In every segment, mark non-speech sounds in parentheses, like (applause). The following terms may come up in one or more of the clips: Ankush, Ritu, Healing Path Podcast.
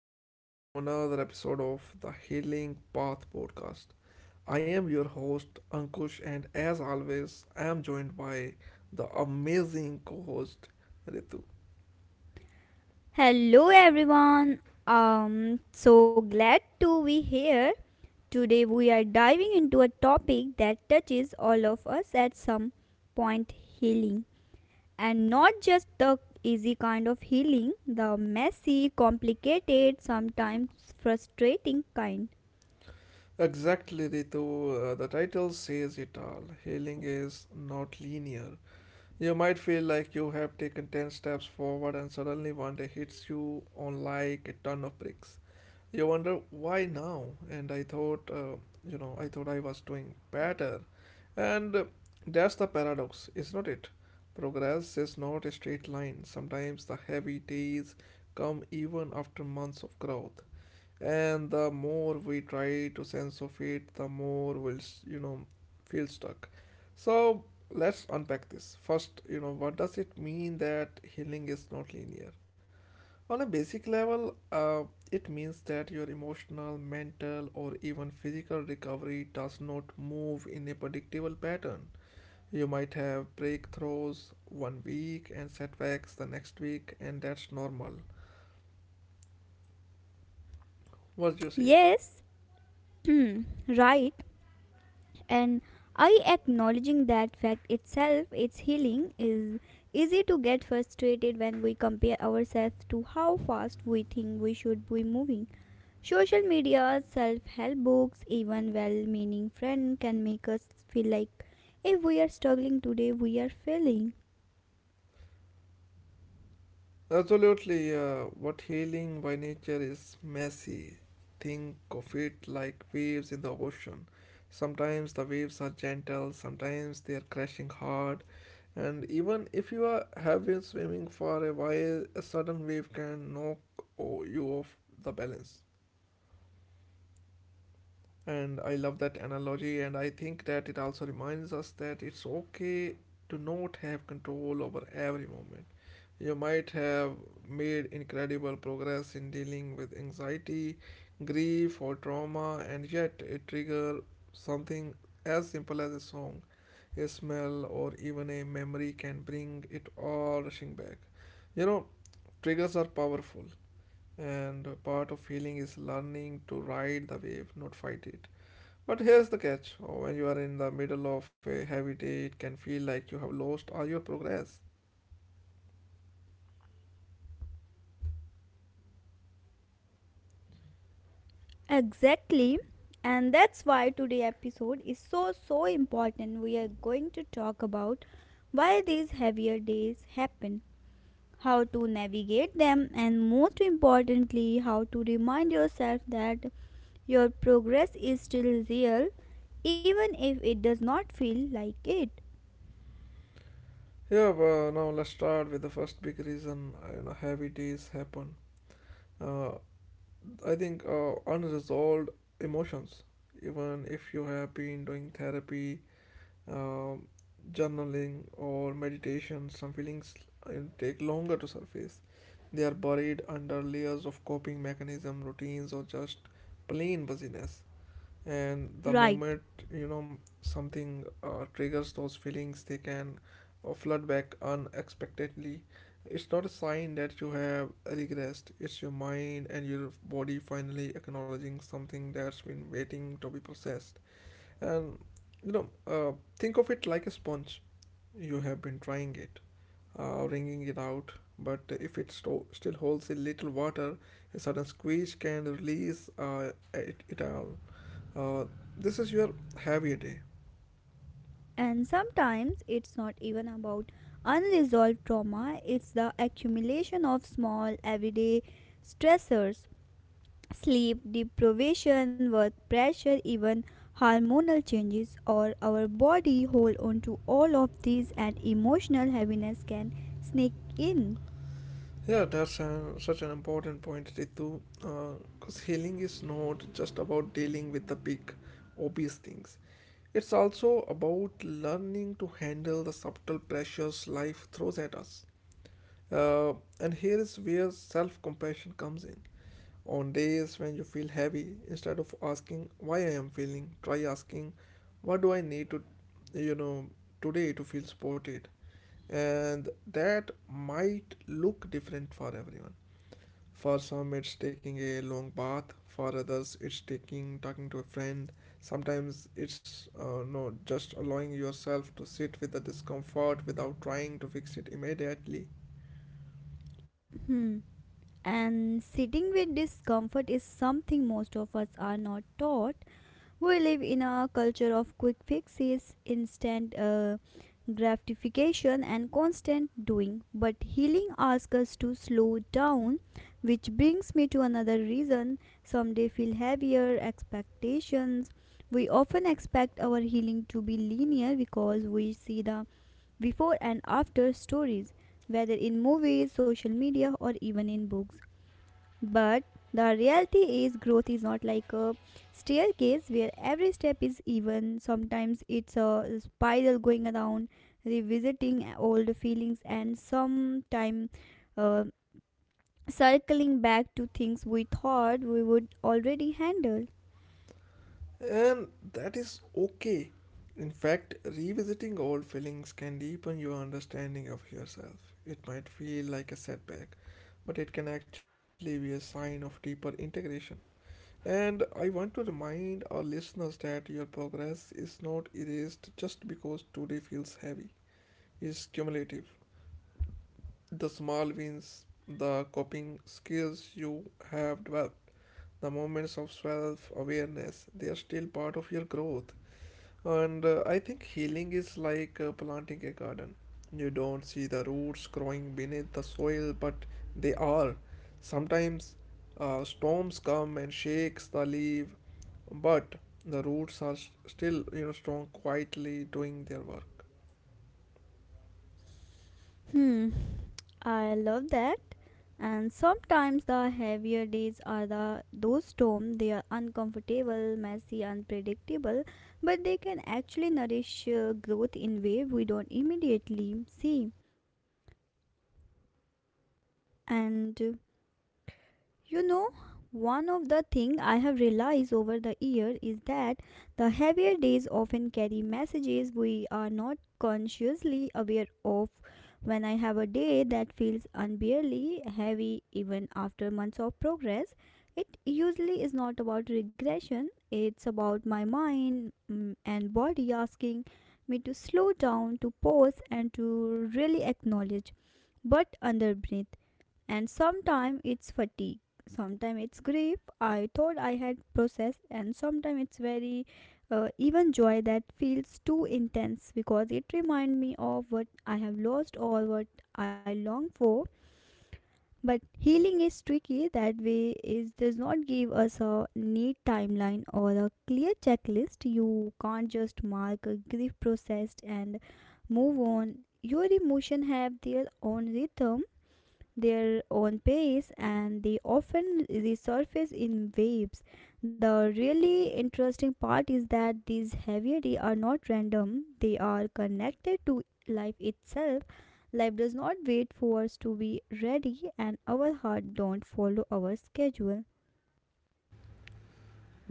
welcome back to another episode of the Healing Path Podcast. I am your host, Ankush, and as always, I am joined by the amazing co host, Ritu. Exactly, Ritu, the title says it all. Healing is not linear. You might feel like you have taken 10 steps forward, and suddenly one day hits you on like a ton of bricks. You wonder why now? And I thought, I thought I was doing better. And That's the paradox, is not it? Progress is not a straight line. Sometimes the heavy days come even after months of growth. And the more we try to sense of it, the more we'll, s- you know, feel stuck. So let's unpack this. First, what does it mean that healing is not linear? On a basic level, it means that your emotional, mental, or even physical recovery does not move in a predictable pattern. You might have breakthroughs one week and setbacks the next week, and that's normal. What do you say? Absolutely, what healing by nature is messy. Think of it like waves in the ocean. Sometimes the waves are gentle, sometimes they are crashing hard, and even if have been swimming for a while, a sudden wave can knock you off the balance. And I love that analogy, and I think that it also reminds us that it's okay to not have control over every moment. You might have made incredible progress in dealing with anxiety, grief, or trauma, and yet it trigger something as simple as a song, a smell, or even a memory can bring it all rushing back. You know, triggers are powerful, and part of healing is learning to ride the wave, not fight it. But here's the catch. Oh, when you are in the middle of a heavy day, it can feel like you have lost all your progress. Yeah, well, now let's start with the first big reason heavy days happen. Uh, I think unresolved emotions. Even if you have been doing therapy, um, journaling, or meditation, some feelings uh, take longer to surface. They are buried under layers of coping mechanism, routines, or just plain busyness. And the moment something triggers those feelings, they can flood back unexpectedly. It's not a sign that you have regressed. It's your mind and your body finally acknowledging something that's been waiting to be processed. And you know uh, think of it like a sponge. You have been trying it, wringing it out, but if it still holds a little water, a sudden squeeze can release it all. uh, this is your heavier day. Yeah, such an important point, Ritu. Because healing is not just about dealing with the big, obvious things. It's also about learning to handle the subtle pressures life throws at us. Uh, and here is where self compassion comes in. On days when you feel heavy, instead of asking why I am feeling, try asking what do I need to, you know, today to feel supported. And that might look different for everyone. For some it's taking a long bath, for others it's taking talking to a friend. Sometimes it's no just allowing yourself to sit with the discomfort without trying to fix it immediately, and that is okay. In fact, revisiting old feelings can deepen your understanding of yourself. It might feel like a setback, but it can actually be a sign of deeper integration. And I want to remind our listeners that your progress is not erased just because today feels heavy. It's cumulative. The small wins, the coping skills you have developed, the moments of self awareness, they are still part of your growth. And I think healing is like planting a garden. You don't see the roots growing beneath the soil, but they are. Sometimes storms come and shakes the leaf, but the roots are still, strong, quietly doing their work.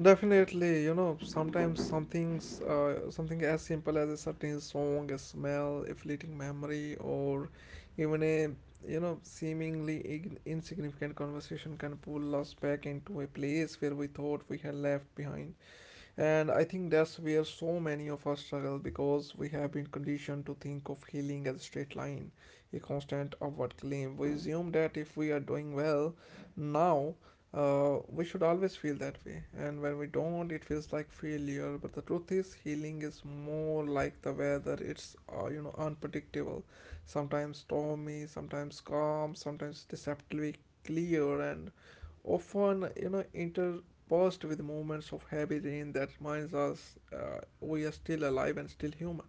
Definitely, you know, sometimes something as simple as a certain song, a smell, a fleeting memory, or even a seemingly insignificant conversation can pull us back into a place where we thought we had left behind. And I think that's where so many of us struggle because we have been conditioned to think of healing as a straight line, a constant upward climb. We assume that if we are doing well now, we should always feel that way. And when we don't, it feels like failure. But the truth is, healing is more like the weather. It's unpredictable, sometimes stormy, sometimes calm, sometimes deceptively clear, and often inter paused with moments of heavy rain that reminds us we are still alive and still human.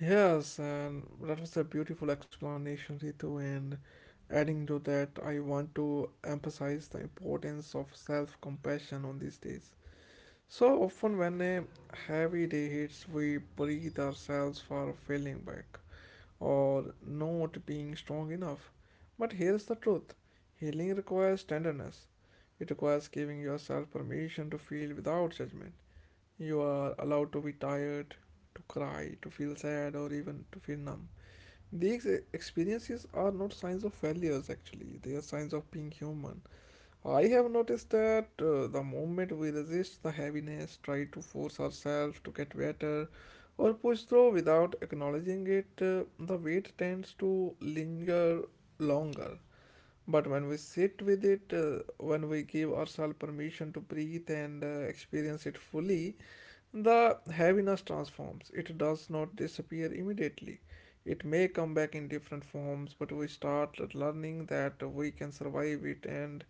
Yes, and that was a beautiful explanation, Ritu. And adding to that, I want to emphasize the importance of self compassion on these days. So often, when a heavy day hits, we breathe ourselves for feeling back, or not being strong enough. But here's the truth, healing requires tenderness, it requires giving yourself permission to feel without judgment. You are allowed to be tired, to cry, to feel sad, or even to feel numb. These experiences are not signs of failures, actually, they are signs of being human. I have noticed that the moment we resist the heaviness, try to force ourselves to get better, or push through without acknowledging it, the weight tends to linger longer. But when we sit with it, when we give ourselves permission to breathe and experience it fully, the heaviness transforms, it does not disappear immediately. It may come back in different forms, but we start learning that we can survive it and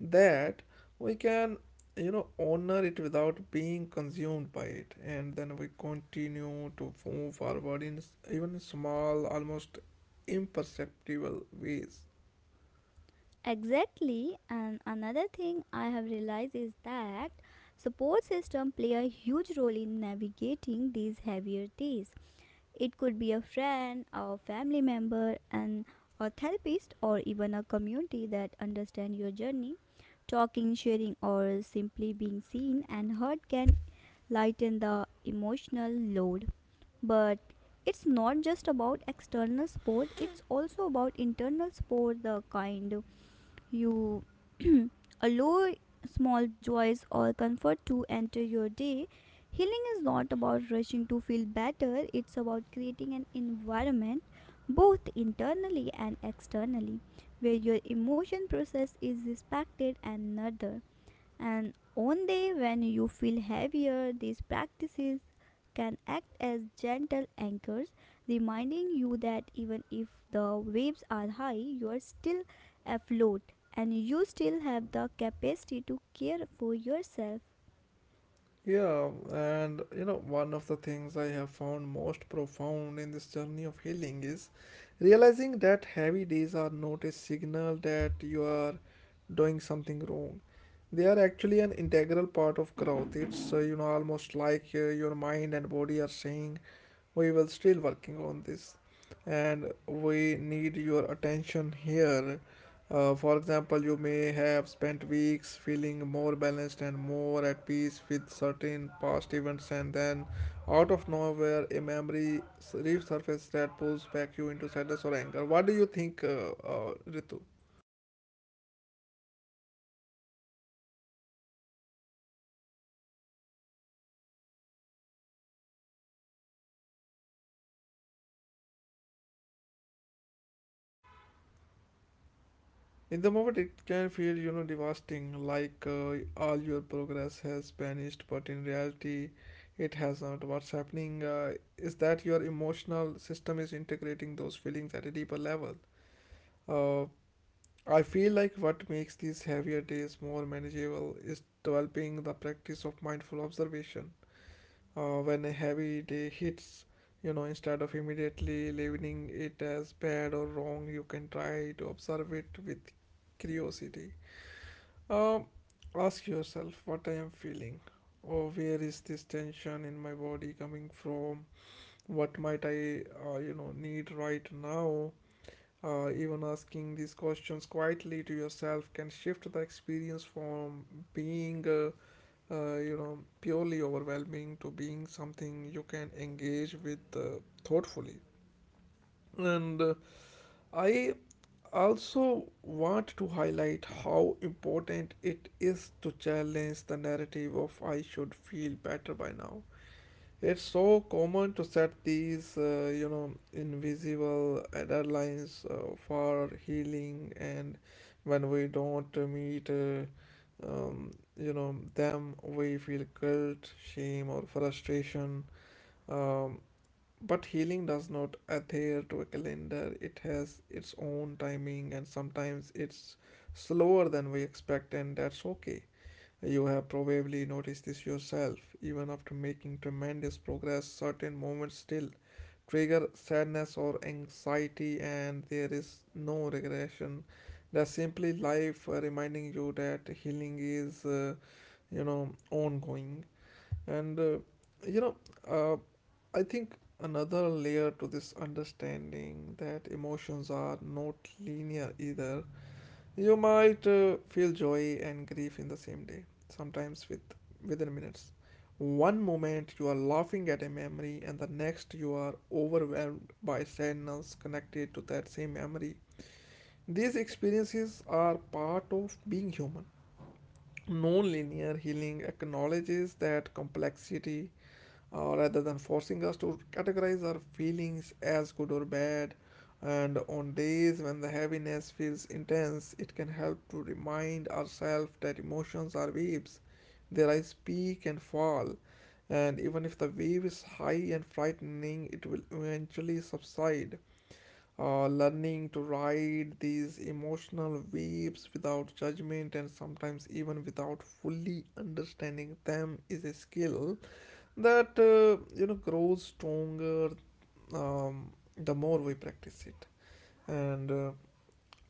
that we can, honor it without being consumed by it. And then we continue to move forward in even small, almost imperceptible ways. Yeah, and you know, one of the things I have found most profound in this journey of healing is realizing that heavy days are not a signal that you are doing something wrong. They are actually an integral part of growth. It's almost like your mind and body are saying, we were still working on this and we need your attention here. For example, you may have spent weeks feeling more balanced and more at peace with certain past events, and then out of nowhere a memory resurfaces that pulls back you into sadness or anger. What do you think, Ritu? In the moment, it can feel, you know, devastating, like all your progress has vanished, but in reality, it hasn't. What's happening is that your emotional system is integrating those feelings at a deeper level. Uh, I feel like what makes these heavier days more manageable is developing the practice of mindful observation. When a heavy day hits, you know, instead of immediately labeling it as bad or wrong, you can try to observe it with curiosity. um, Ask yourself what I am feeling, or where is this tension in my body coming from? What might I, need right now? Even asking these questions quietly to yourself can shift the experience from being, purely overwhelming to being something you can engage with thoughtfully. And I also want to highlight how important it is to challenge the narrative of I should feel better by now. It's so common to set these, invisible deadlines for healing, and when we don't meet, um, them, we feel guilt, shame, or frustration. Um, but healing does not adhere to a calendar. It has its own timing, and sometimes it's slower than we expect, and that's okay. You have probably noticed this yourself. Even after making tremendous progress, certain moments still trigger sadness or anxiety, and there is no regression. That's simply life reminding you that healing is, ongoing. And, uh, you know, uh, I think another layer to this understanding that emotions are not linear either. You might feel joy and grief in the same day, sometimes within minutes. One moment you are laughing at a memory and the next you are overwhelmed by sadness connected to that same memory. These experiences are part of being human. Non-linear healing acknowledges that complexity rather than forcing us to categorize our feelings as good or bad. And on days when the heaviness feels intense, it can help to remind ourselves that emotions are waves. They rise, peak, and fall. And even if the wave is high and frightening, it will eventually subside. Learning to ride these emotional waves without judgment and sometimes even without fully understanding them is a skill that grows stronger, um, the more we practice it. And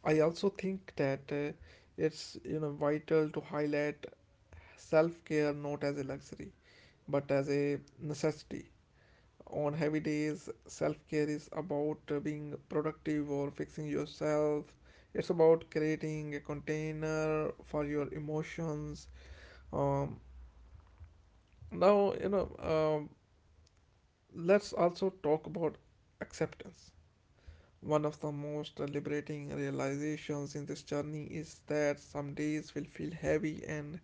I also think that it's vital to highlight self-care not as a luxury but as a necessity. On heavy days, self-care is about being productive or fixing yourself. It's about creating a container for your emotions. Um, now you know Let's also talk about acceptance. One of the most liberating realizations in this journey is that some days will feel heavy, and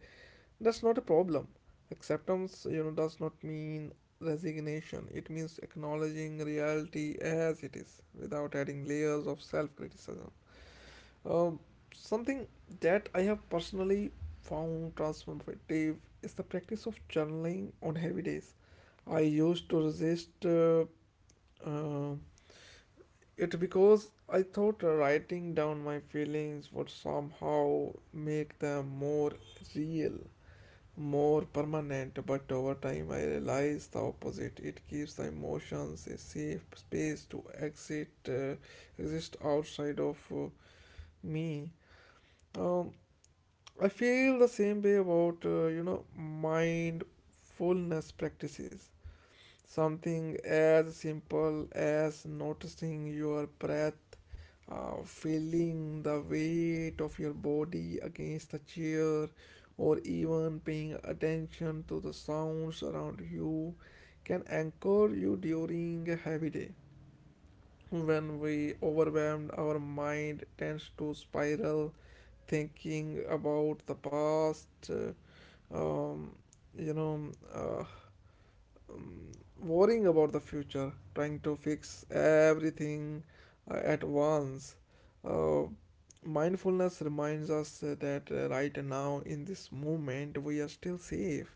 that's not a problem. Acceptance, you know, does not mean resignation. It means acknowledging reality as it is without adding layers of self criticism. Um, Something that I have personally found transformative is the practice of journaling on heavy days. I used to resist uh, it because I thought writing down my feelings would somehow make them more real, more permanent, but over time I realized the opposite. It gives the emotions a safe space to exit, exist outside of me. Um, I feel the same way about, you know, mindfulness practices. Something as simple as noticing your breath, feeling the weight of your body against the chair, or even paying attention to the sounds around you can anchor you during a heavy day. When we overwhelmed, our mind tends to spiral, thinking about the past, um, you know, uh, worrying about the future, trying to fix everything at once. Uh, Mindfulness reminds us that right now, in this moment, we are still safe.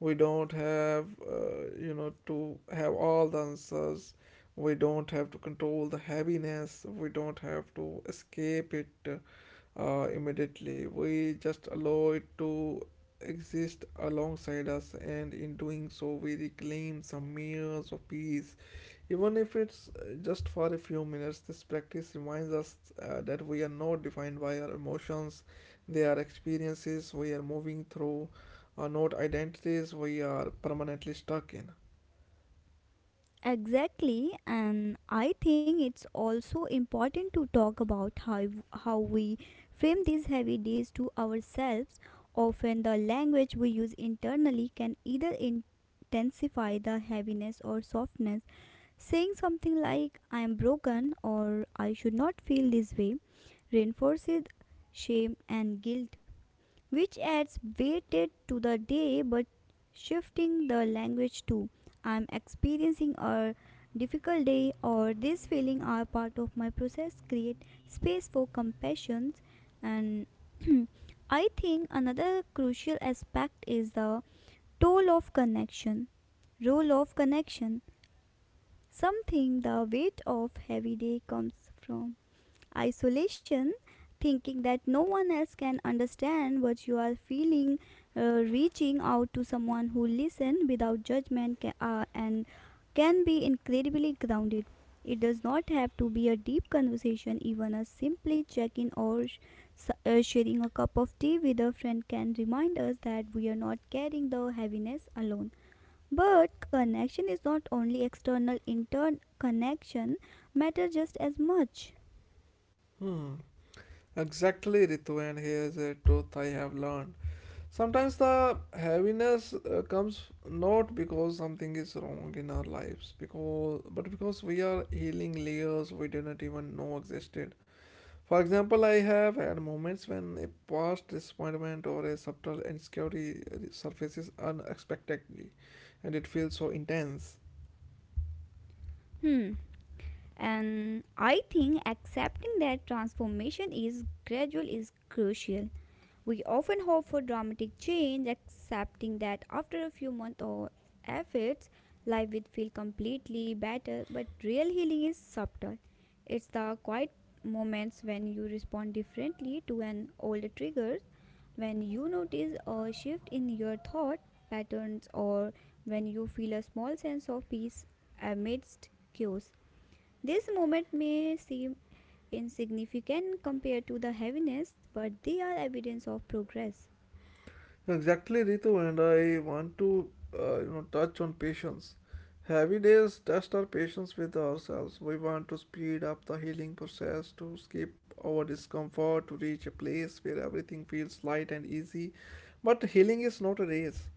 We don't have, you know, to have all the answers. We don't have to control the heaviness. We don't have to escape it immediately. We just allow it to exist alongside us, and in doing so, we reclaim some years of peace. Even if it's just for a few minutes, this practice reminds us that we are not defined by our emotions. They are experiences we are moving through, are not identities we are permanently stuck in. Exactly, and I think it's also important to talk about how we frame these heavy days to ourselves. Often, the language we use internally can either intensify the heaviness or softness. Saying something like "I am broken" or "I should not feel this way" reinforces shame and guilt, which adds weighted to the day. But shifting the language to "I'm experiencing a difficult day" or "this feeling are part of my process" create space for compassion. And (clears throat) I think another crucial aspect is the toll of connection, role of connection. Something the weight of heavy day comes from isolation, thinking that no one else can understand what you are feeling. Reaching out to someone who listens without judgment ca- and can be incredibly grounded. It does not have to be a deep conversation, even a simply check in, or sharing a cup of tea with a friend can remind us that we are not carrying the heaviness alone. But connection is not only external, intern connection matters just as much. Hmm. Exactly, Ritu, and here's a truth I have learned. Sometimes the heaviness comes not because something is wrong in our lives, because but because we are healing layers we didn't even know existed. For example, I have had moments when a past disappointment or a subtle insecurity surfaces unexpectedly, and it feels so intense. Hmm. And I think accepting that transformation is gradual is crucial. We often hope for dramatic change, accepting that after a few months or efforts, life will feel completely better. But real healing is subtle. It's the quiet moments when you respond differently to an older triggers, when you notice a shift in your thought patterns, or when you feel a small sense of peace amidst chaos. This moment may seem insignificant compared to the heaviness, but they are evidence of progress. Exactly, Ritu, and I want to touch on patience. Heavy days test our patience with ourselves. We want to speed up the healing process, to skip our discomfort, to reach a place where everything feels light and easy. But healing is not a race.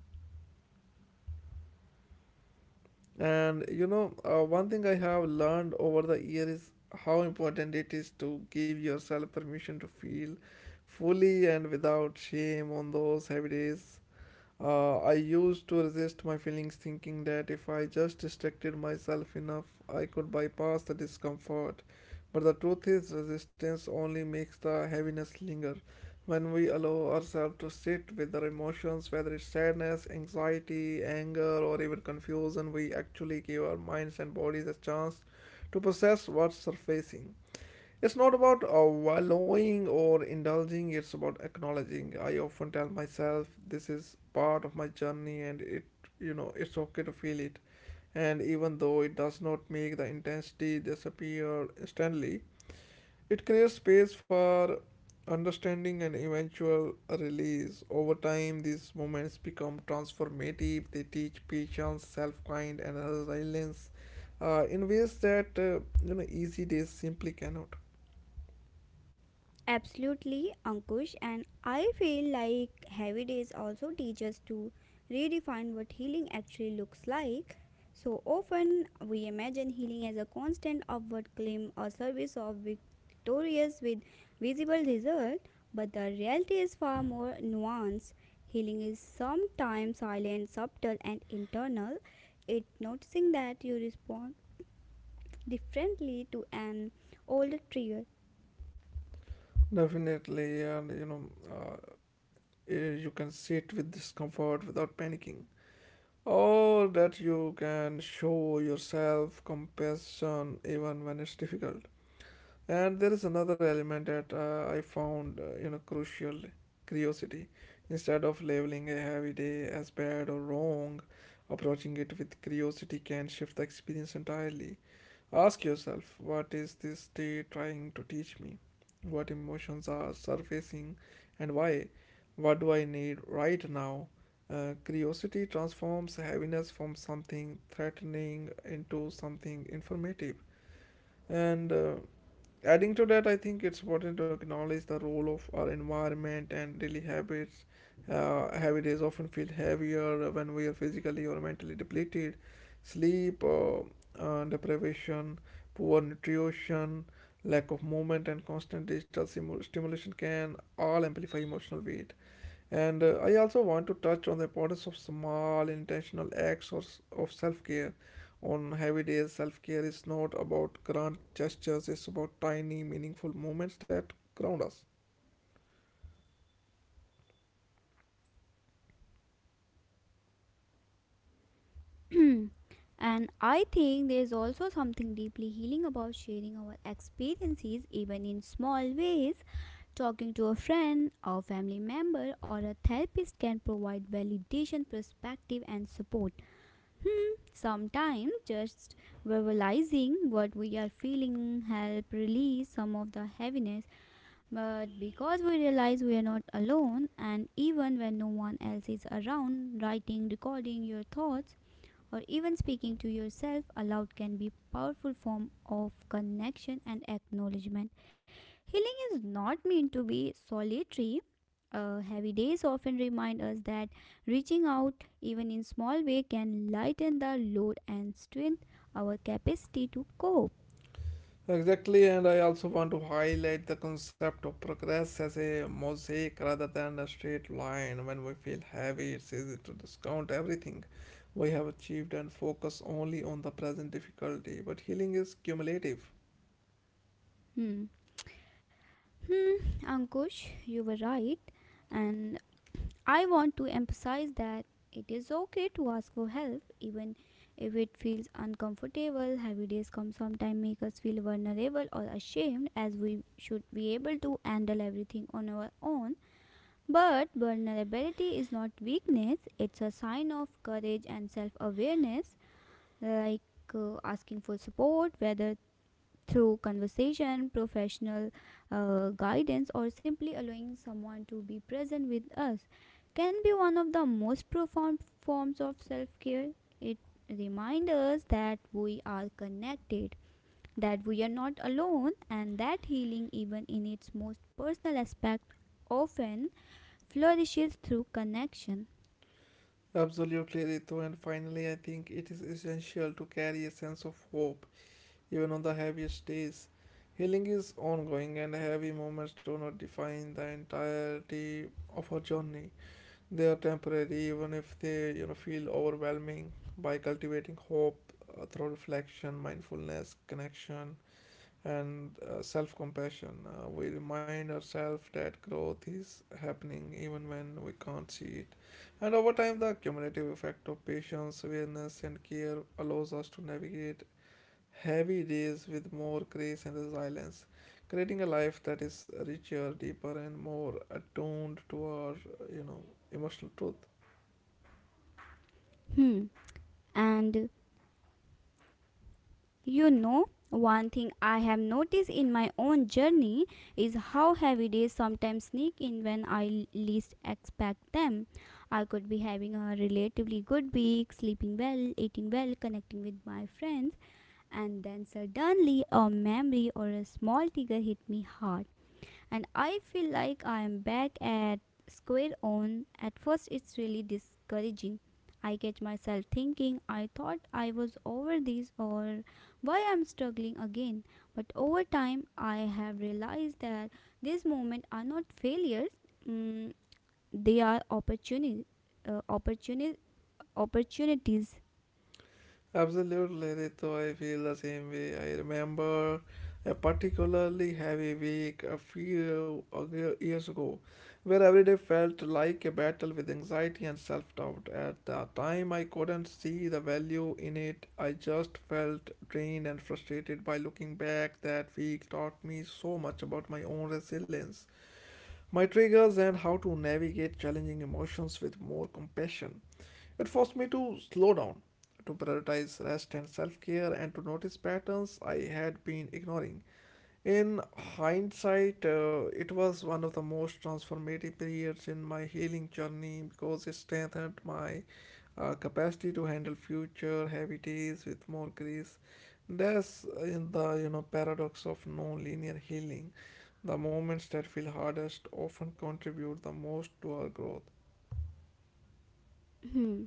And you know, one thing I have learned over the year is how important it is to give yourself permission to feel fully and without shame on those heavy days. I used to resist my feelings, thinking that if I just distracted myself enough, I could bypass the discomfort. But the truth is, resistance only makes the heaviness linger. When we allow ourselves to sit with our emotions, whether it's sadness, anxiety, anger, or even confusion, we actually give our minds and bodies a chance to process what's surfacing. It's not about wallowing or indulging, it's about acknowledging. I often tell myself this is part of my journey and it, you know, it's okay to feel it. And even though it does not make the intensity disappear instantly, it creates space for understanding and eventual release. Over time, these moments become transformative. They teach patience, self-kind, and resilience in ways that easy days simply cannot. Absolutely, Ankush, and I feel like heavy days also teach us to redefine what healing actually looks like. So often we imagine healing as a constant upward climb or service of victorious with visible result, but the reality is far more nuanced. Healing is sometimes silent, subtle, and internal. It noticing that you respond differently to an older trigger. Definitely, and you know, uh, you can sit with discomfort without panicking, or that you can show yourself compassion even when it's difficult. And there is another element that I found, you know, crucial curiosity. Instead of labeling a heavy day as bad or wrong, approaching it with curiosity can shift the experience entirely. Ask yourself, what is this day trying to teach me? What emotions are surfacing and why? What do I need right now? Curiosity transforms heaviness from something threatening into something informative. And Adding to that, I think it's important to acknowledge the role of our environment and daily habits. Heavy days often feel heavier when we are physically or mentally depleted. Sleep, deprivation, poor nutrition, lack of movement, and constant stimulation can all amplify emotional weight. And I also want to touch on the importance of small intentional acts of self care. On heavy days, self care is not about grand gestures, it's about tiny, meaningful moments that ground us. (clears throat) And I think there is also something deeply healing about sharing our experiences, even in small ways. Talking to a friend, a family member, or a therapist can provide validation, perspective, and support. Sometimes just verbalizing what we are feeling help release some of the heaviness, but because we realize we are not alone. And even when no one else is around, writing, recording your thoughts, or even speaking to yourself aloud can be a powerful form of connection and acknowledgement. Healing is not meant to be solitary. Heavy days often remind us that reaching out even in small way can lighten the load and strengthen our capacity to cope. Exactly, and I also want to highlight the concept of progress as a mosaic rather than a straight line. When we feel heavy, it's easy to discount everything we have achieved and focus only on the present difficulty. But healing is cumulative. Hmm. Hmm, Ankush, you were right. And I want to emphasize that it is okay to ask for help even if it feels uncomfortable. Heavy days come sometimes make us feel vulnerable or ashamed as we should be able to handle everything on our own. But vulnerability is not weakness, it's a sign of courage and self awareness, like asking for support, whether through conversation, professional guidance, or simply allowing someone to be present with us, can be one of the most profound forms of self care. It reminds us that we are connected, that we are not alone, and that healing, even in its most personal aspect, often flourishes through connection. Absolutely, Ritu, and finally, I think it is essential to carry a sense of hope even on the heaviest days. Healing is ongoing, and heavy moments do not define the entirety of our journey. They are temporary, even if they, you know, feel overwhelming. By cultivating hope through reflection, mindfulness, connection, and self compassion, we remind ourselves that growth is happening even when we can't see it. And over time, the cumulative effect of patience, awareness, and care allows us to navigate heavy days with more grace and resilience, creating a life that is richer, deeper, and more attuned to our, you know, emotional truth. Hmm. And you know, one thing I have noticed in my own journey is how heavy days sometimes sneak in when I least expect them. I could be having a relatively good week, sleeping well, eating well, connecting with my friends, and then suddenly a memory or a small trigger hit me hard, and I feel like I am back at square one. At first, it's really discouraging. I catch myself thinking, "I thought I was over this" or "why I'm struggling again." But over time, I have realized that these moments are not failures, mm, they are uh, opportuni- opportunities. Absolutely, Rito. I feel the same way. I remember a particularly heavy week a few years ago, where every day felt like a battle with anxiety and self doubt. At the time, I couldn't see the value in it. I just felt drained and frustrated by looking back. That week taught me so much about my own resilience, my triggers, and how to navigate challenging emotions with more compassion. It forced me to slow down, to prioritize rest and self care, and to notice patterns I had been ignoring. In hindsight, it was one of the most transformative periods in my healing journey because it strengthened my capacity to handle future heavy days with more grace. That's in the paradox of non-linear healing. The moments that feel hardest often contribute the most to our growth. Hmm.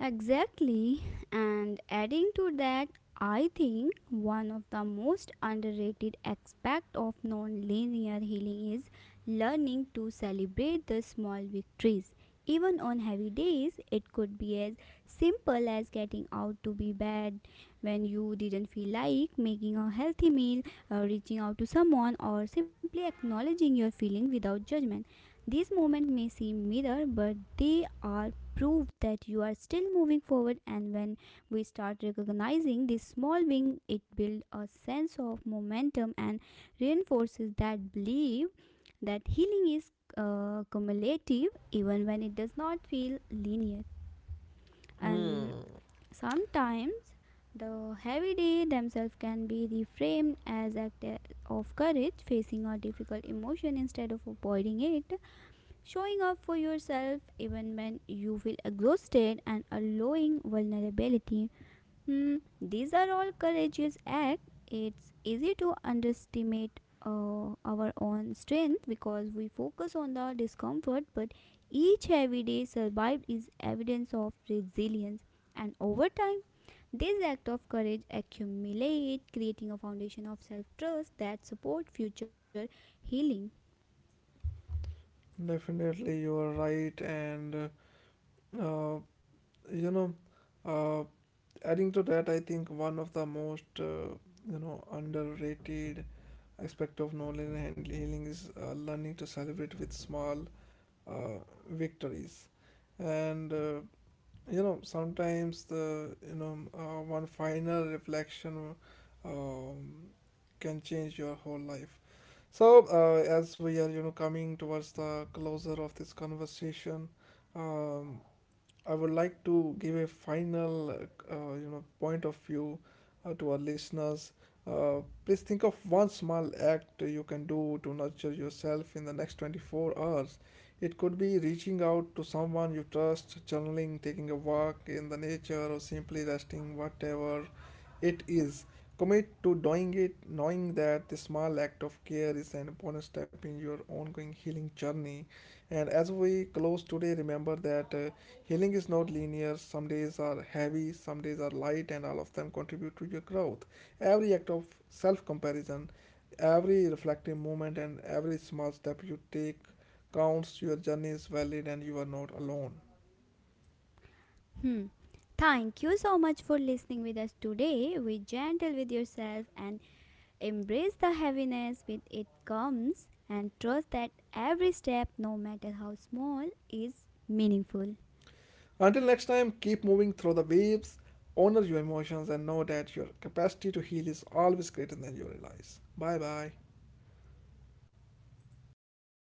Exactly. And adding to that, I think one of the most underrated aspect of nonlinear healing is learning to celebrate the small victories. Even on heavy days, it could be as simple as getting out to be bed when you didn't feel like, making a healthy meal, reaching out to someone, or simply acknowledging your feeling without judgment. These moments may seem minor, but they are prove that you are still moving forward. And when we start recognizing this small win, it builds a sense of momentum and reinforces that belief that healing is cumulative, even when it does not feel linear. And sometimes the heavy day themselves can be reframed as act of courage, facing a difficult emotion instead of avoiding it, showing up for yourself even when you feel exhausted, and allowing vulnerability. Hmm, these are all courageous acts. It's easy to underestimate our own strength because we focus on the discomfort, but each everyday survived is evidence of resilience. And over time, this act of courage accumulate, creating a foundation of self-trust that support future healing. Definitely, you are right, Uh, you know, uh, adding to that, I think one of the most underrated aspect of knowledge and healing is learning to celebrate with small uh, victories, and you know sometimes the one final reflection um, can change your whole life. So as we are coming towards the closer of this conversation, Um, I would like to give a final, point of view to our listeners. Please think of one small act you can do to nurture yourself in the next 24 hours. It could be reaching out to someone you trust, journaling, taking a walk in the nature, or simply resting, whatever it is. Commit to doing it, knowing that this small act of care is an important step in your ongoing healing journey. And as we close today, remember that. Healing is not linear. Some days are heavy, some days are light, and all of them contribute to your growth. Every act of self comparison, every reflective moment, and every small step you take counts. Your journey is valid, and you are not alone. Hmm. Thank you so much for listening with us today. Be gentle with yourself and embrace the heaviness with it comes, and trust that every step, no matter how small, is meaningful. Until next time, keep moving through the waves, honor your emotions, and know that your capacity to heal is always greater than you realize. Bye bye. Bye